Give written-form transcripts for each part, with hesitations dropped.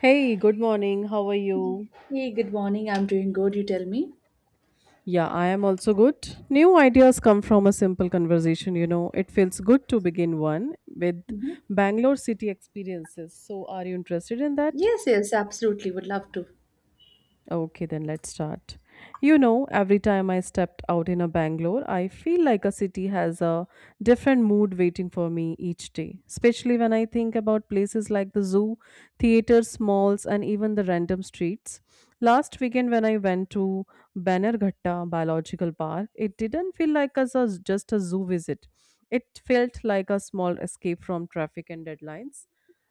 Hey, good morning. How are you? Hey, good morning. I'm doing good, you tell me? Yeah, I am also good. New ideas come from a simple conversation, you know. It feels good to begin one with Bangalore city experiences. So, are you interested in that? Yes, yes, absolutely. Would love to. Okay, then let's start. You know, every time I stepped out in a Bangalore, I feel like a city has a different mood waiting for me each day, especially when I think about places like the zoo, theaters, malls, and even the random streets. Last weekend, when I went to Banerghatta Biological Park, it didn't feel like as a, just a zoo visit. It felt like a small escape from traffic and deadlines.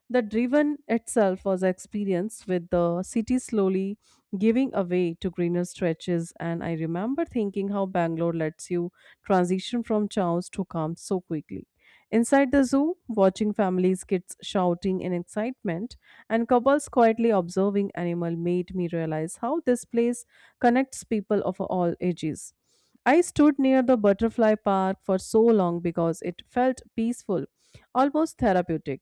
The driven itself was an experience with the city slowly giving away to greener stretches, and I remember thinking how Bangalore lets you transition from chaos to calm so quickly. Inside the zoo, watching families, kids shouting in excitement, and couples quietly observing animal made me realize how this place connects people of all ages. I stood near the butterfly park for so long because it felt peaceful, almost therapeutic.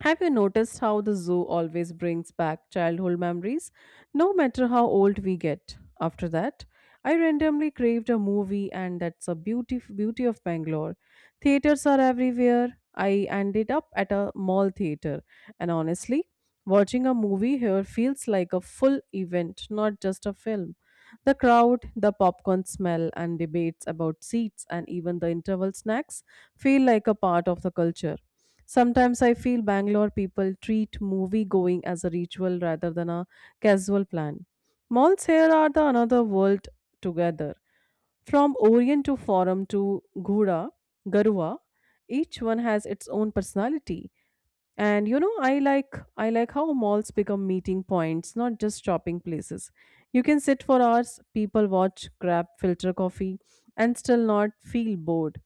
Have you noticed how the zoo always brings back childhood memories, no matter how old we get? After that, I randomly craved a movie, and that's a beauty of Bangalore. Theaters are everywhere. I ended up at a mall theater, and honestly, watching a movie here feels like a full event, not just a film. The crowd, the popcorn smell, and debates about seats and even the interval snacks feel like a part of the culture. Sometimes I feel Bangalore people treat movie going as a ritual rather than a casual plan. Malls here are the another world together. From Orient to Forum to Gura, Garua, each one has its own personality. And you know, I like how malls become meeting points, not just shopping places. You can sit for hours, people watch, grab filter coffee, and still not feel bored.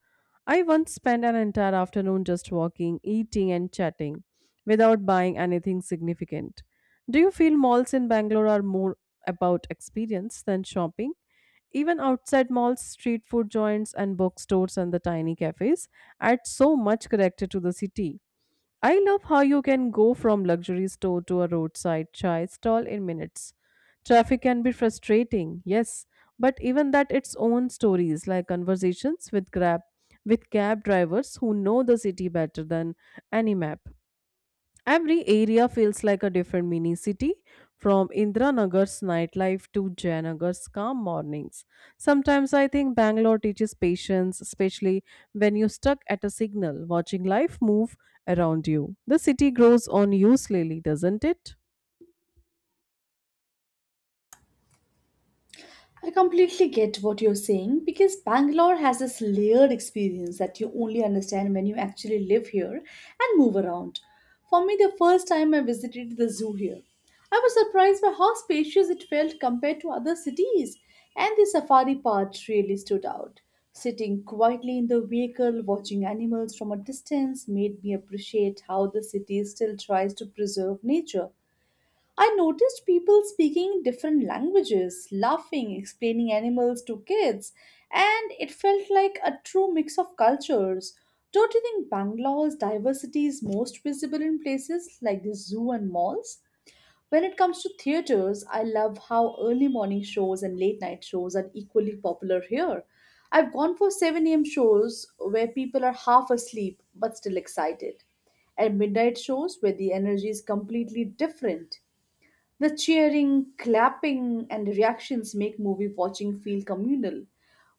I once spent an entire afternoon just walking, eating, and chatting without buying anything significant. Do you feel malls in Bangalore are more about experience than shopping? Even outside malls, street food joints and bookstores and the tiny cafes add so much character to the city. I love how you can go from luxury store to a roadside chai stall in minutes. Traffic can be frustrating, yes, but even that its own stories like conversations with cab drivers who know the city better than any map. Every area feels like a different mini city, from Indranagar's nightlife to Jayanagar's calm mornings. Sometimes I think Bangalore teaches patience, especially when you're stuck at a signal, watching life move around you. The city grows on you slowly, doesn't it? I completely get what you're saying because Bangalore has this layered experience that you only understand when you actually live here and move around. For me, the first time I visited the zoo here, I was surprised by how spacious it felt compared to other cities, and the safari part really stood out. Sitting quietly in the vehicle, watching animals from a distance made me appreciate how the city still tries to preserve nature. I noticed people speaking different languages, laughing, explaining animals to kids, and it felt like a true mix of cultures. Don't you think Bangalore's diversity is most visible in places like the zoo and malls? When it comes to theaters, I love how early morning shows and late night shows are equally popular here. I've gone for 7 a.m. shows where people are half asleep but still excited and midnight shows where the energy is completely different. The cheering, clapping, and reactions make movie watching feel communal.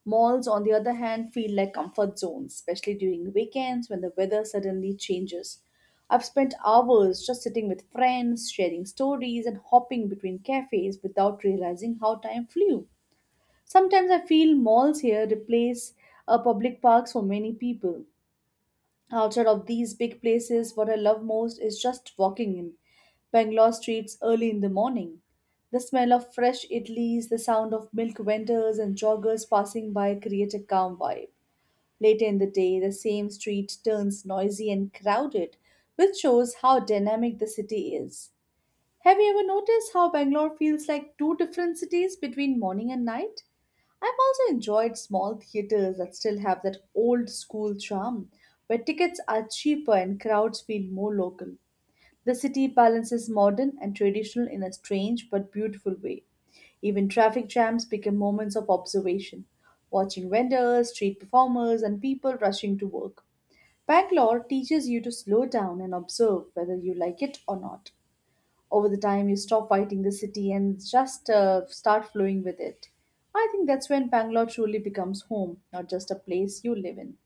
Malls, on the other hand, feel like comfort zones, especially during weekends when the weather suddenly changes. I've spent hours just sitting with friends, sharing stories, and hopping between cafes without realizing how time flew. Sometimes I feel malls here replace public parks for many people. Outside of these big places, what I love most is just walking in Bangalore streets early in the morning. The smell of fresh idlis, the sound of milk vendors and joggers passing by create a calm vibe. Later in the day, the same street turns noisy and crowded, which shows how dynamic the city is. Have you ever noticed how Bangalore feels like two different cities between morning and night? I've also enjoyed small theatres that still have that old school charm, where tickets are cheaper and crowds feel more local. The city balances modern and traditional in a strange but beautiful way. Even traffic jams become moments of observation, watching vendors, street performers, and people rushing to work. Bangalore teaches you to slow down and observe whether you like it or not. Over the time, you stop fighting the city and just start flowing with it. I think that's when Bangalore truly becomes home, not just a place you live in.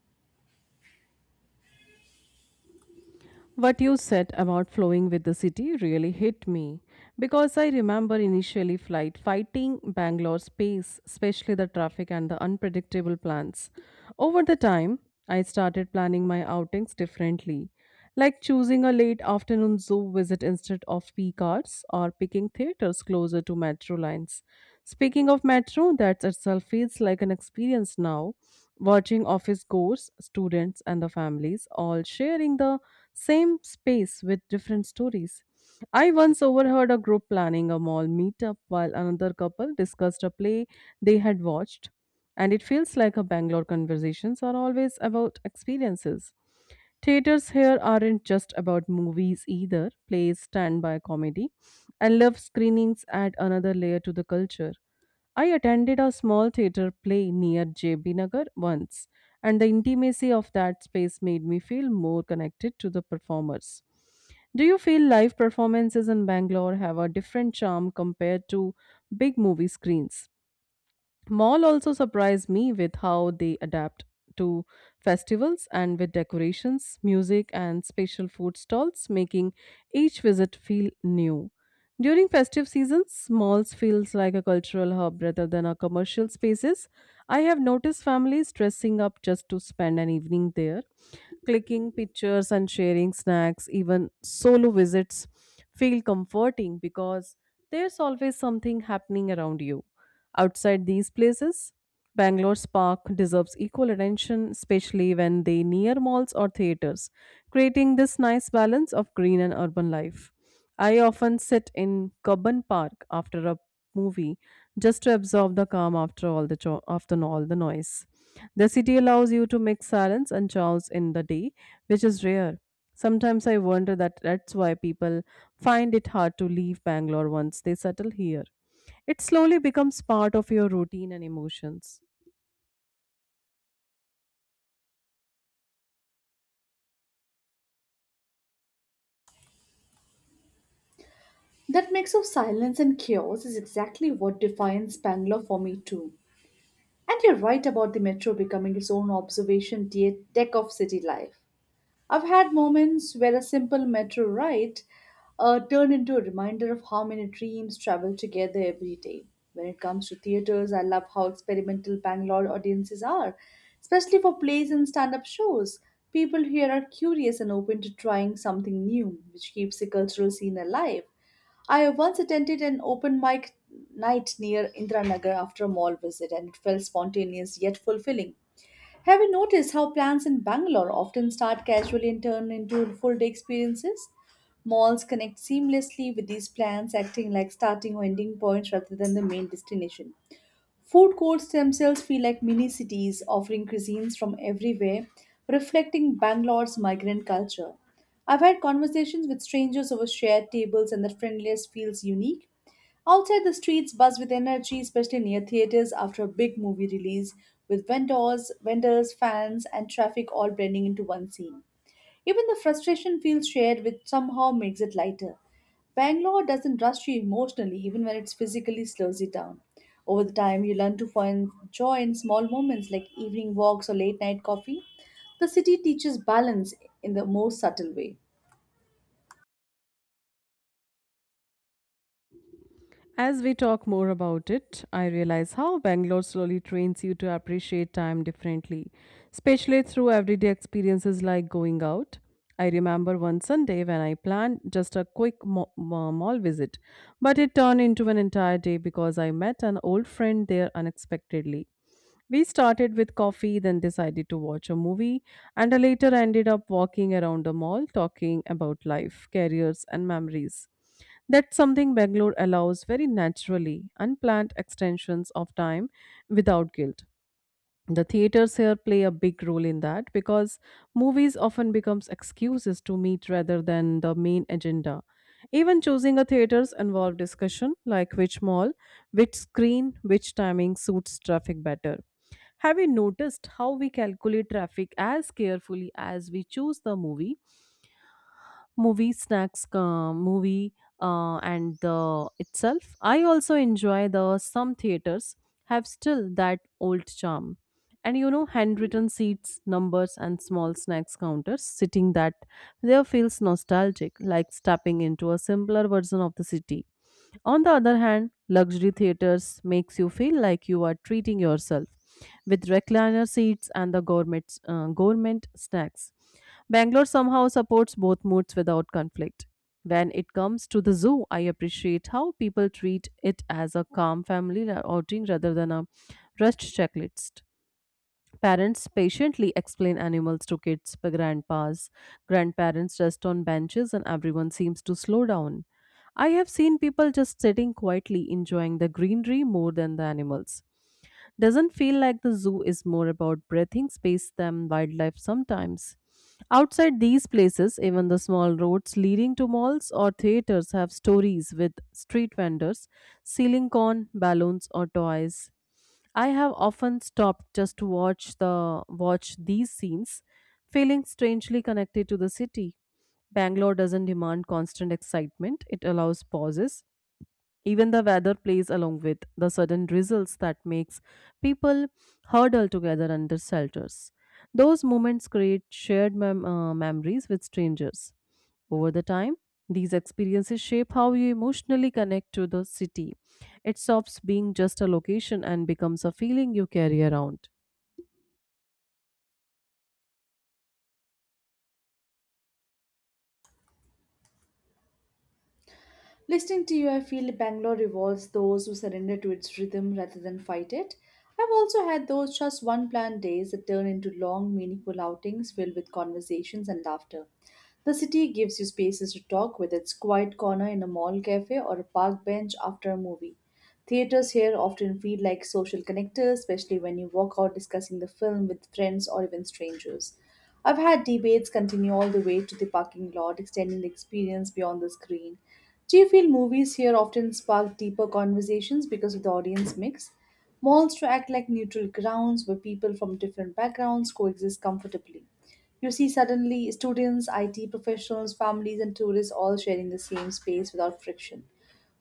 What you said about flowing with the city really hit me because I remember initially flight fighting Bangalore's pace, especially the traffic and the unpredictable plans. Over the time, I started planning my outings differently, like choosing a late afternoon zoo visit instead of peak hours or picking theaters closer to metro lines. Speaking of metro, that itself feels like an experience now, watching office goers, students, and the families all sharing the same space with different stories. I once overheard a group planning a mall meetup while another couple discussed a play they had watched. And it feels like a Bangalore conversations are always about experiences. Theaters here aren't just about movies either. Plays stand by comedy and love screenings add another layer to the culture. I attended a small theater play near JB Nagar once, and the intimacy of that space made me feel more connected to the performers. Do you feel live performances in Bangalore have a different charm compared to big movie screens? Mall also surprised me with how they adapt to festivals and with decorations, music, and special food stalls, making each visit feel new. During festive seasons, malls feels like a cultural hub rather than a commercial spaces. I have noticed families dressing up just to spend an evening there, clicking pictures and sharing snacks, even solo visits feel comforting because there's always something happening around you. Outside these places, Bangalore's park deserves equal attention, especially when they near malls or theaters, creating this nice balance of green and urban life. I often sit in Kabban Park after a movie just to absorb the calm after after all the noise. The city allows you to mix silence and chaos in the day, which is rare. Sometimes I wonder that that's why people find it hard to leave Bangalore once they settle here. It slowly becomes part of your routine and emotions. That mix of silence and chaos is exactly what defines Bangalore for me too, and you're right about the metro becoming its own deck of city life. I've had moments where a simple metro ride turned into a reminder of how many dreams travel together every day. When it comes to theaters, I love how experimental Bangalore audiences are, especially for plays and stand up shows. People here are curious and open to trying something new, which keeps the cultural scene alive. I once attended an open mic night near Indranagar after a mall visit, and it felt spontaneous yet fulfilling. Have you noticed how plans in Bangalore often start casually and turn into full day experiences? Malls connect seamlessly with these plans, acting like starting or ending points rather than the main destination. Food courts themselves feel like mini cities offering cuisines from everywhere, reflecting Bangalore's migrant culture. I've had conversations with strangers over shared tables, and the friendliness feels unique. Outside the streets buzz with energy, especially near theaters after a big movie release, with vendors, fans, and traffic all blending into one scene. Even the frustration feels shared, which somehow makes it lighter. Bangalore doesn't rush you emotionally, even when it physically slows you down. Over the time, you learn to find joy in small moments like evening walks or late night coffee. The city teaches balance in the most subtle way. As we talk more about it, I realize how Bangalore slowly trains you to appreciate time differently, especially through everyday experiences like going out. I remember one Sunday when I planned just a quick mall visit, but it turned into an entire day because I met an old friend there unexpectedly. We started with coffee, then decided to watch a movie, and later ended up walking around the mall talking about life, careers, and memories. That's something Bangalore allows very naturally, unplanned extensions of time without guilt. The theaters here play a big role in that because movies often becomes excuses to meet rather than the main agenda. Even choosing a theaters involve discussion like which mall, which screen, which timing suits traffic better. Have you noticed how we calculate traffic as carefully as we choose the movie? Movie snacks, movie, and the itself, I also enjoy the some theaters have still that old charm, and you know, handwritten seats numbers and small snacks counters sitting that there feels nostalgic, like stepping into a simpler version of the city. On the other hand, luxury theaters makes you feel like you are treating yourself with recliner seats and the gourmet gourmet snacks. Bangalore somehow supports both moods without conflict. When it comes to the zoo, I appreciate how people treat it as a calm outing rather than a rushed checklist. Parents patiently explain animals to kids, but grandpas, grandparents rest on benches, and everyone seems to slow down. I have seen people just sitting quietly enjoying the greenery more than the animals. Doesn't feel like the zoo is more about breathing space than wildlife sometimes. Outside these places, even the small roads leading to malls or theaters have stories with street vendors selling corn, balloons, or toys. I have often stopped just to watch these scenes, feeling strangely connected to the city. Bangalore doesn't demand constant excitement, it allows pauses. Even the weather plays along with the sudden drizzles that makes people huddle together under shelters. Those moments create shared memories with strangers. Over the time, these experiences shape how you emotionally connect to the city. It stops being just a location and becomes a feeling you carry around. Listening to you, I feel Bangalore rewards those who surrender to its rhythm rather than fight it. I've also had those just one planned days that turn into long, meaningful outings filled with conversations and laughter. The city gives you spaces to talk with its quiet corner in a mall cafe or a park bench after a movie. Theaters here often feel like social connectors, especially when you walk out discussing the film with friends or even strangers. I've had debates continue all the way to the parking lot, extending the experience beyond the screen. Do you feel movies here often spark deeper conversations because of the audience mix? Malls to act like neutral grounds where people from different backgrounds coexist comfortably. You see, suddenly, students, IT professionals, families, and tourists all sharing the same space without friction.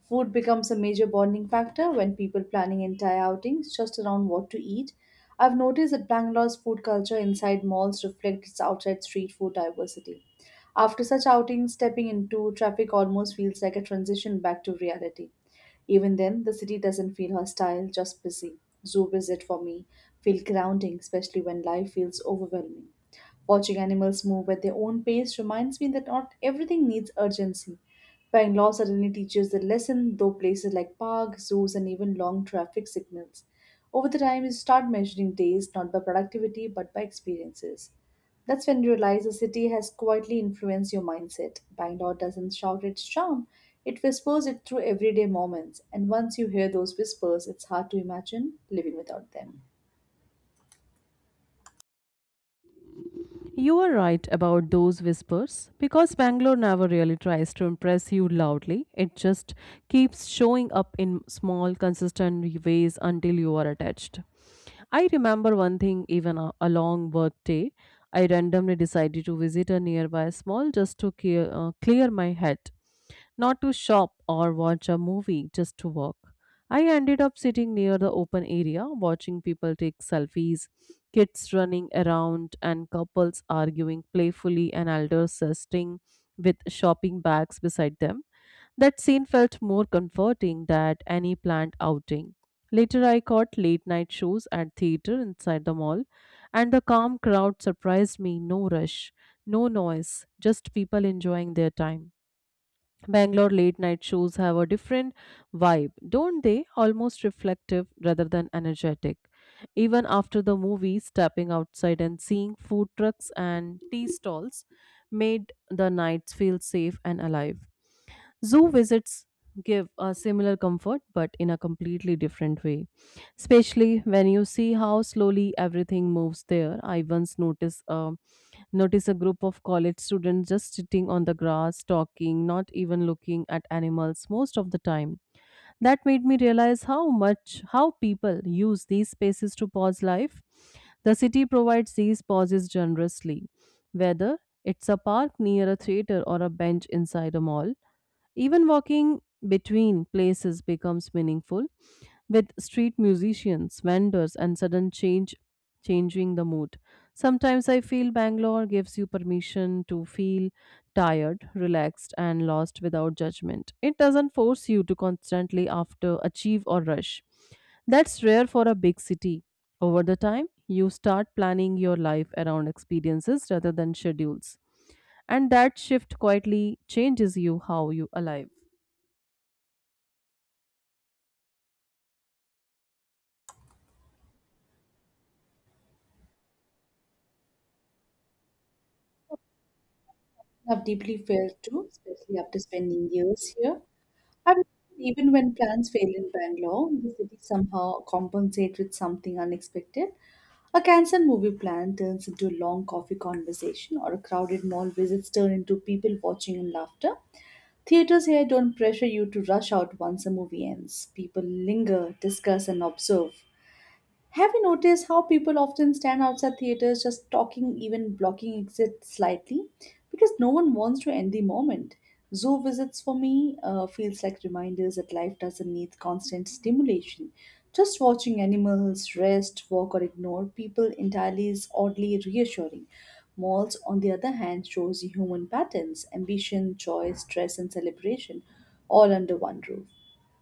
Food becomes a major bonding factor when people planning entire outings just around what to eat. I've noticed that Bangalore's food culture inside malls reflects its outside street food diversity. After such outings, stepping into traffic almost feels like a transition back to reality. Even then, the city doesn't feel hostile, just busy. Zoo visit for me feel grounding, especially when life feels overwhelming. Watching animals move at their own pace reminds me that not everything needs urgency. Pine law suddenly teaches the lesson, though places like parks, zoos, and even long traffic signals. Over the time, you start measuring days not by productivity but by experiences. That's when you realize the city has quietly influenced your mindset. Bangalore doesn't shout its charm, it whispers it through everyday moments. And once you hear those whispers, it's hard to imagine living without them. You are right about those whispers because Bangalore never really tries to impress you loudly. It just keeps showing up in small, consistent ways until you are attached. I remember one thing, even a long work day. I randomly decided to visit a nearby small just to clear my head, not to shop or watch a movie, just to walk. I ended up sitting near the open area, watching people take selfies, kids running around, and couples arguing playfully, and elders sitting with shopping bags beside them. That scene felt more comforting than any planned outing. Later, I caught late night shows at theater inside the mall, and the calm crowd surprised me, no rush, no noise, just people enjoying their time. Bangalore late night shows have a different vibe, don't they? Almost reflective rather than energetic. Even after the movie, stepping outside and seeing food trucks and tea stalls made the nights feel safe and alive. Zoo visits give a similar comfort but in a completely different way, especially when you see how slowly everything moves there. I once Notice a group of college students just sitting on the grass, talking, not even looking at animals most of the time. That made me realize how people use these spaces to pause life. The city provides these pauses generously, whether it's a park near a theater or a bench inside a mall. Even walking between places becomes meaningful with street musicians, vendors, and sudden change changing the mood. Sometimes I feel Bangalore gives you permission to feel tired, relaxed, and lost without judgment. It doesn't force you to constantly after achieve or rush. That's rare for a big city. Over the time, you start planning your life around experiences rather than schedules. And that shift quietly changes you how you alive. I've deeply felt too, especially after spending years here. I've noticed even when plans fail in Bangalore, the city somehow compensates with something unexpected. A cancelled movie plan turns into a long coffee conversation, or a crowded mall visits turn into people watching and laughter. Theaters here don't pressure you to rush out once a movie ends. People linger, discuss, and observe. Have you noticed how people often stand outside theaters just talking, even blocking exits slightly? Because no one wants to end the moment. Zoo visits for me feels like reminders that life doesn't need constant stimulation. Just watching animals rest, walk, or ignore people entirely is oddly reassuring. Malls, on the other hand, shows you human patterns, ambition, joy, stress, and celebration, all under one roof.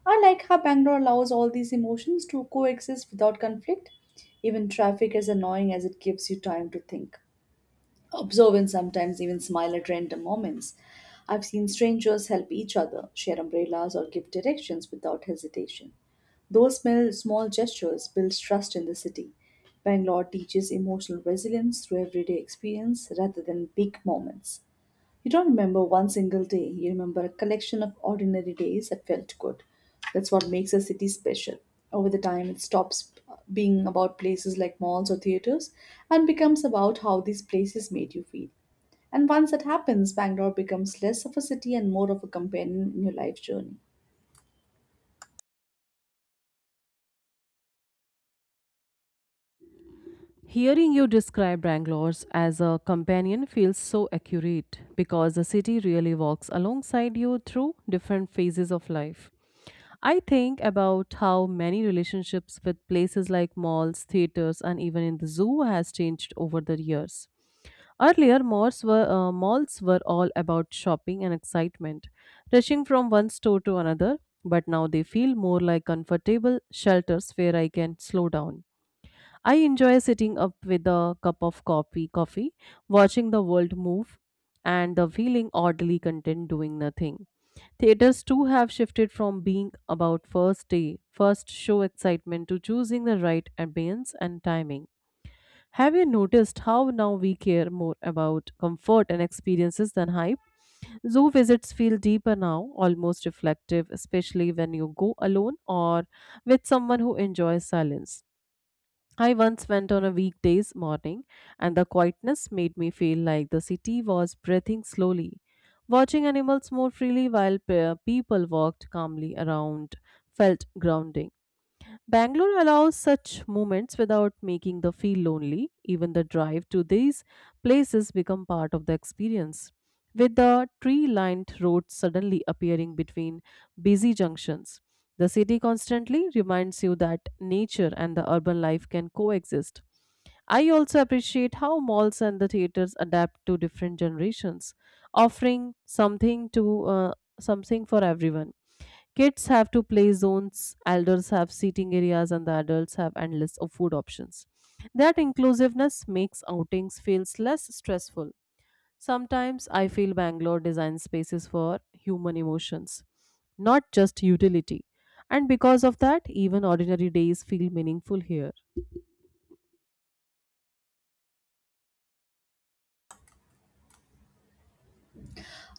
I like how Bangalore allows all these emotions to coexist without conflict. Even traffic, as annoying as it gives you time to think, observe, and sometimes even smile at random moments. I've seen strangers help each other, share umbrellas, or give directions without hesitation. Those small gestures build trust in the city. Bangalore teaches emotional resilience through everyday experience rather than big moments. You don't remember one single day, you remember a collection of ordinary days that felt good. That's what makes a city special. Over the time, it stops being about places like malls or theaters and becomes about how these places made you feel. And once that happens, Bangalore becomes less of a city and more of a companion in your life journey. Hearing you describe Bangalore as a companion feels so accurate because the city really walks alongside you through different phases of life. I think about how many relationships with places like malls, theaters, and even in the zoo has changed over the years. Earlier, malls were all about shopping and excitement, rushing from one store to another. But now they feel more like comfortable shelters where I can slow down. I enjoy sitting up with a cup of coffee, watching the world move, and the feeling oddly content doing nothing. Theaters too have shifted from being about first day, first show excitement to choosing the right ambience and timing. Have you noticed how now we care more about comfort and experiences than hype? Zoo visits feel deeper now, almost reflective, especially when you go alone or with someone who enjoys silence. I once went on a weekday's morning, and the quietness made me feel like the city was breathing slowly. Watching animals more freely while people walked calmly around felt grounding. Bangalore allows such moments without making the feel lonely. Even the drive to these places become part of the experience. With the tree-lined roads suddenly appearing between busy junctions, the city constantly reminds you that nature and the urban life can coexist. I also appreciate how malls and the theaters adapt to different generations, offering something for everyone. Kids have to play zones, elders have seating areas, and the adults have endless of food options. That inclusiveness makes outings feels less stressful. Sometimes I feel Bangalore designs spaces for human emotions, not just utility. And because of that, even ordinary days feel meaningful here.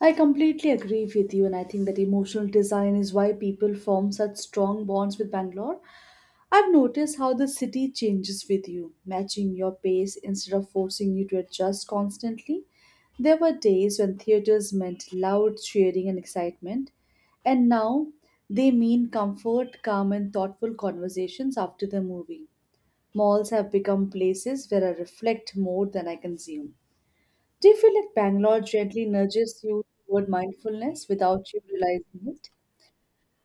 I completely agree with you, and I think that emotional design is why people form such strong bonds with Bangalore. I've noticed how the city changes with you, matching your pace instead of forcing you to adjust constantly. There were days when theaters meant loud cheering and excitement, and now they mean comfort, calm, and thoughtful conversations after the movie. Malls have become places where I reflect more than I consume. Do you feel like Bangalore gently nudges you toward mindfulness without you realizing it?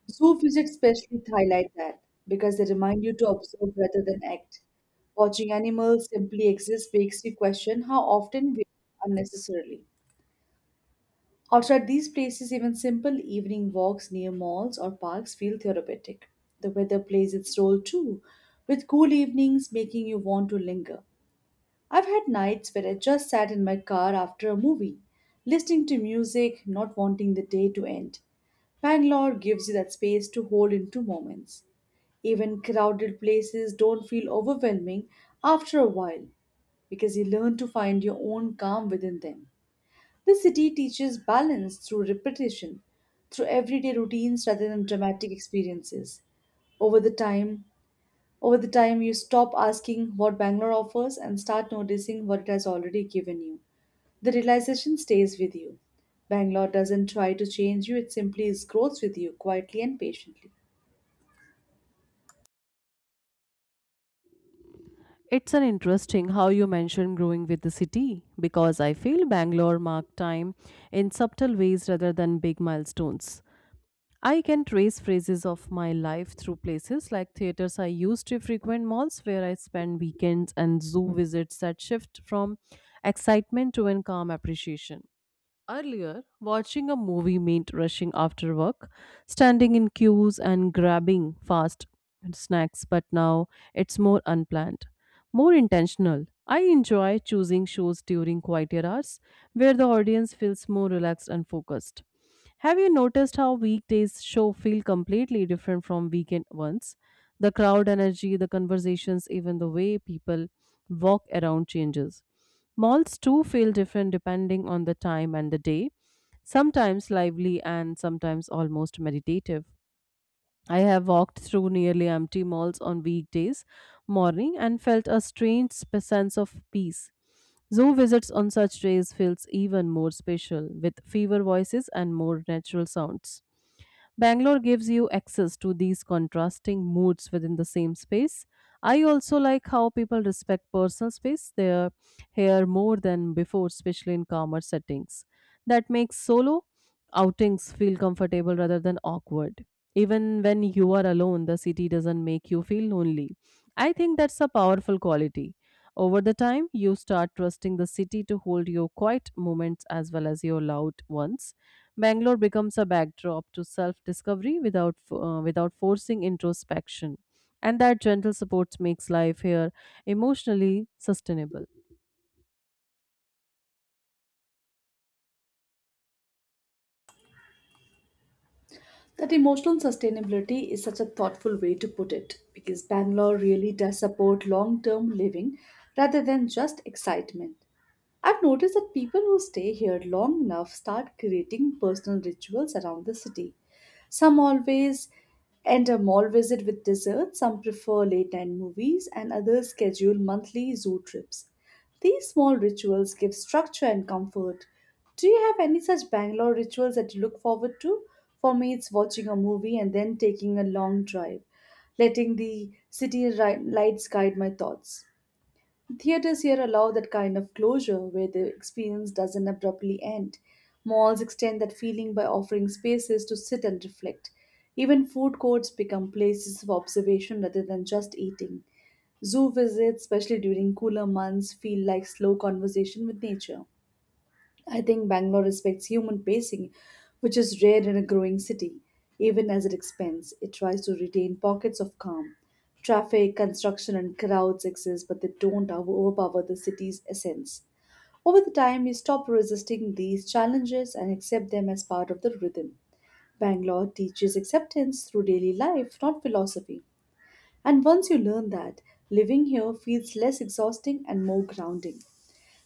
Zoo visits especially highlight that because they remind you to observe rather than act. Watching animals simply exist makes you question how often we unnecessarily. Outside these places, even simple evening walks near malls or parks feel therapeutic. The weather plays its role too, with cool evenings making you want to linger. I've had nights where I just sat in my car after a movie, listening to music, not wanting the day to end. Bangalore gives you that space to hold into moments. Even crowded places don't feel overwhelming after a while because you learn to find your own calm within them. The city teaches balance through repetition, through everyday routines rather than dramatic experiences. Over the time, Over the time you stop asking what Bangalore offers and start noticing what it has already given you. The realization stays with you. Bangalore doesn't try to change you, it simply grows with you quietly and patiently. It's an interesting how you mentioned growing with the city because I feel Bangalore marked time in subtle ways rather than big milestones. I can trace phases of my life through places like theaters I used to frequent, malls where I spend weekends, and zoo visits that shift from excitement to in calm appreciation. Earlier, watching a movie meant rushing after work, standing in queues, and grabbing fast snacks, but now it's more unplanned, more intentional. I enjoy choosing shows during quieter hours where the audience feels more relaxed and focused. Have you noticed how weekdays show feel completely different from weekend ones? The crowd energy, the conversations, even the way people walk around changes. Malls too feel different depending on the time and the day, sometimes lively and sometimes almost meditative. I have walked through nearly empty malls on weekdays morning and felt a strange sense of peace. Zoo visits on such days feels even more special with fewer voices and more natural sounds. Bangalore gives you access to these contrasting moods within the same space. I also like how people respect personal space there here more than before, especially in calmer settings. That makes solo outings feel comfortable rather than awkward. Even when you are alone, the city doesn't make you feel lonely. I think that's a powerful quality. Over the time, you start trusting the city to hold your quiet moments as well as your loud ones. Bangalore becomes a backdrop to self-discovery without forcing introspection, and that gentle support makes life here emotionally sustainable. That emotional sustainability is such a thoughtful way to put it because Bangalore really does support long term living rather than just excitement. I've noticed that people who stay here long enough start creating personal rituals around the city. Some always end a mall visit with dessert, some prefer late night movies, and others schedule monthly zoo trips. These small rituals give structure and comfort. Do you have any such Bangalore rituals that you look forward to? For me, it's watching a movie and then taking a long drive, letting the lights guide my thoughts. Theaters here allow that kind of closure where the experience doesn't abruptly end. Malls extend that feeling by offering spaces to sit and reflect. Even food courts become places of observation rather than just eating. Zoo visits, especially during cooler months, feel like slow conversation with nature. I think Bangalore respects human pacing, which is rare in a growing city. Even as it expands, it tries to retain pockets of calm. Traffic, construction, and crowds exist, but they don't overpower the city's essence. Over the time, you stop resisting these challenges and accept them as part of the rhythm. Bangalore teaches acceptance through daily life, not philosophy. And once you learn that, living here feels less exhausting and more grounding.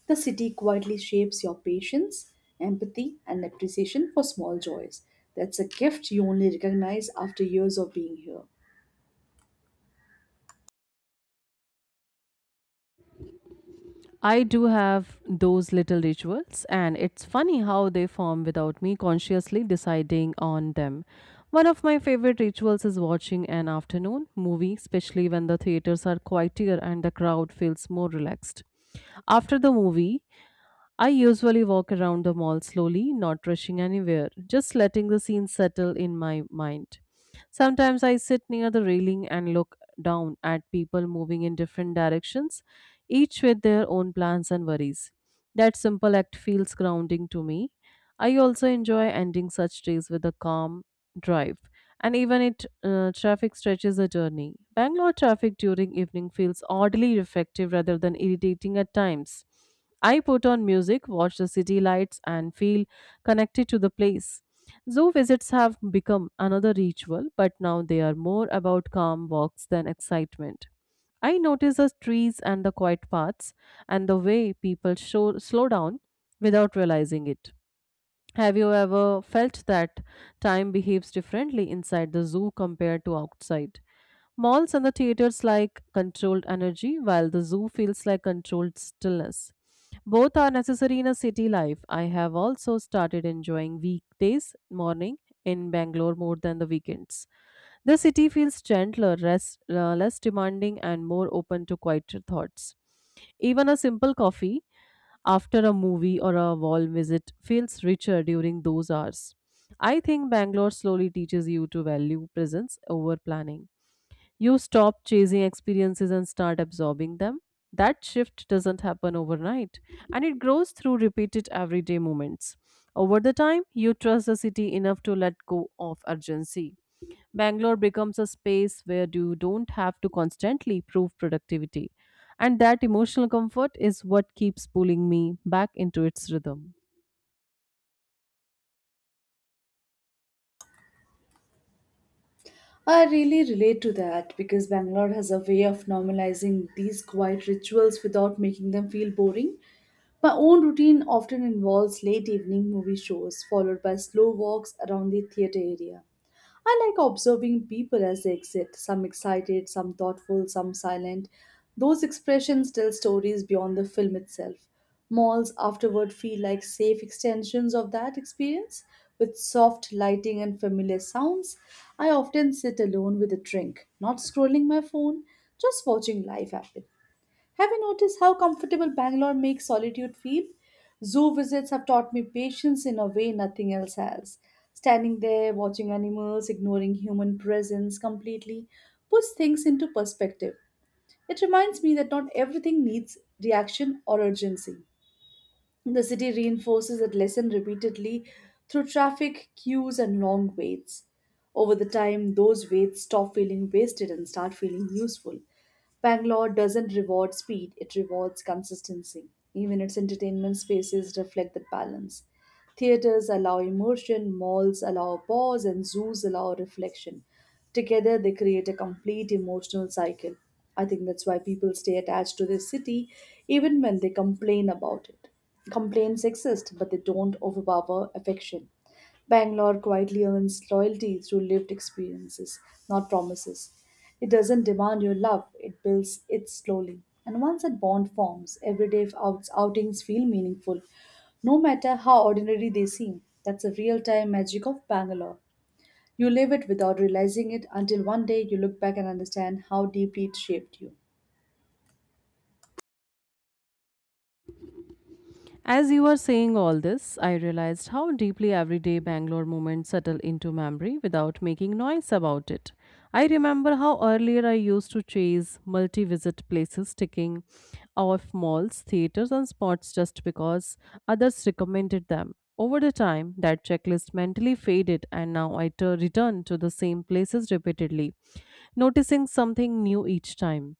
The city quietly shapes your patience, empathy, and appreciation for small joys. That's a gift you only recognize after years of being here. I do have those little rituals, and it's funny how they form without me consciously deciding on them. One of my favorite rituals is watching an afternoon movie, especially when the theaters are quieter and the crowd feels more relaxed. After the movie, I usually walk around the mall slowly, not rushing anywhere, just letting the scene settle in my mind. Sometimes I sit near the railing and look down at people moving in different directions, each with their own plans and worries. That simple act feels grounding to me. I also enjoy ending such days with a calm drive, and even it traffic stretches a journey. Bangalore traffic during evening feels oddly reflective rather than irritating at times. I put on music, watch the city lights, and feel connected to the place. Zoo visits have become another ritual, but now they are more about calm walks than excitement. I notice the trees and the quiet paths and the way slow down without realizing it. Have you ever felt that time behaves differently inside the zoo compared to outside? Malls and the theaters like controlled energy, while the zoo feels like controlled stillness. Both are necessary in a city life. I have also started enjoying weekdays morning in Bangalore more than the weekends. The city feels gentler, less demanding, and more open to quieter thoughts. Even a simple coffee after a movie or a wall visit feels richer during those hours. I think Bangalore slowly teaches you to value presence over planning. You stop chasing experiences and start absorbing them. That shift doesn't happen overnight, and it grows through repeated everyday moments. Over the time, you trust the city enough to let go of urgency. Bangalore becomes a space where you don't have to constantly prove productivity. And that emotional comfort is what keeps pulling me back into its rhythm. I really relate to that because Bangalore has a way of normalizing these quiet rituals without making them feel boring. My own routine often involves late evening movie shows, followed by slow walks around the theatre area. I like observing people as they exit, some excited, some thoughtful, some silent. Those expressions tell stories beyond the film itself. Malls afterward feel like safe extensions of that experience with soft lighting and familiar sounds. I often sit alone with a drink, not scrolling my phone, just watching life happen. Have you noticed how comfortable Bangalore makes solitude feel? Zoo visits have taught me patience in a way nothing else has. Standing there, watching animals, ignoring human presence completely, puts things into perspective. It reminds me that not everything needs reaction or urgency. The city reinforces that lesson repeatedly through traffic, queues, and long waits. Over the time, those weights stop feeling wasted and start feeling useful. Bangalore doesn't reward speed, it rewards consistency. Even its entertainment spaces reflect that balance. Theaters allow immersion, malls allow pause, and zoos allow reflection. Together, they create a complete emotional cycle. I think that's why people stay attached to their city even when they complain about it. Complaints exist, but they don't overpower affection. Bangalore quietly earns loyalty through lived experiences, not promises. It doesn't demand your love, it builds it slowly. And once that bond forms, everyday outings feel meaningful, no matter how ordinary they seem. That's the real time magic of Bangalore. You live it without realizing it until one day you look back and understand how deeply it shaped you. As you were saying all this, I realized how deeply everyday Bangalore moments settle into memory without making noise about it. I remember how earlier I used to chase multi visit places, ticking off malls, theaters, and spots just because others recommended them. Over the time, that checklist mentally faded, and now I return to the same places repeatedly, noticing something new each time.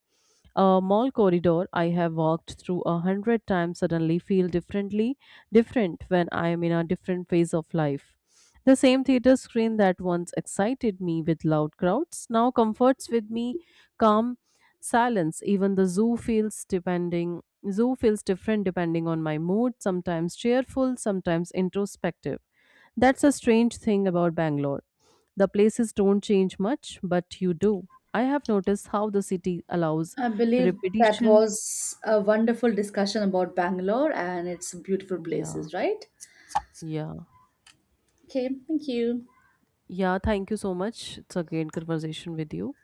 A mall corridor I have walked through a hundred times suddenly feel differently different when I am in a different phase of life. The same theater screen that once excited me with loud crowds now comforts with me calm silence. Even the zoo feels depending zoo feels different depending on my mood, sometimes cheerful, sometimes introspective. That's a strange thing about Bangalore. The places don't change much, but you do. I have noticed how the city allows I believe that repetition. was a wonderful discussion about Bangalore and its beautiful Yeah, places, right? yeah, Okay, thank you. yeah. Thank you so much. It's a great conversation with you.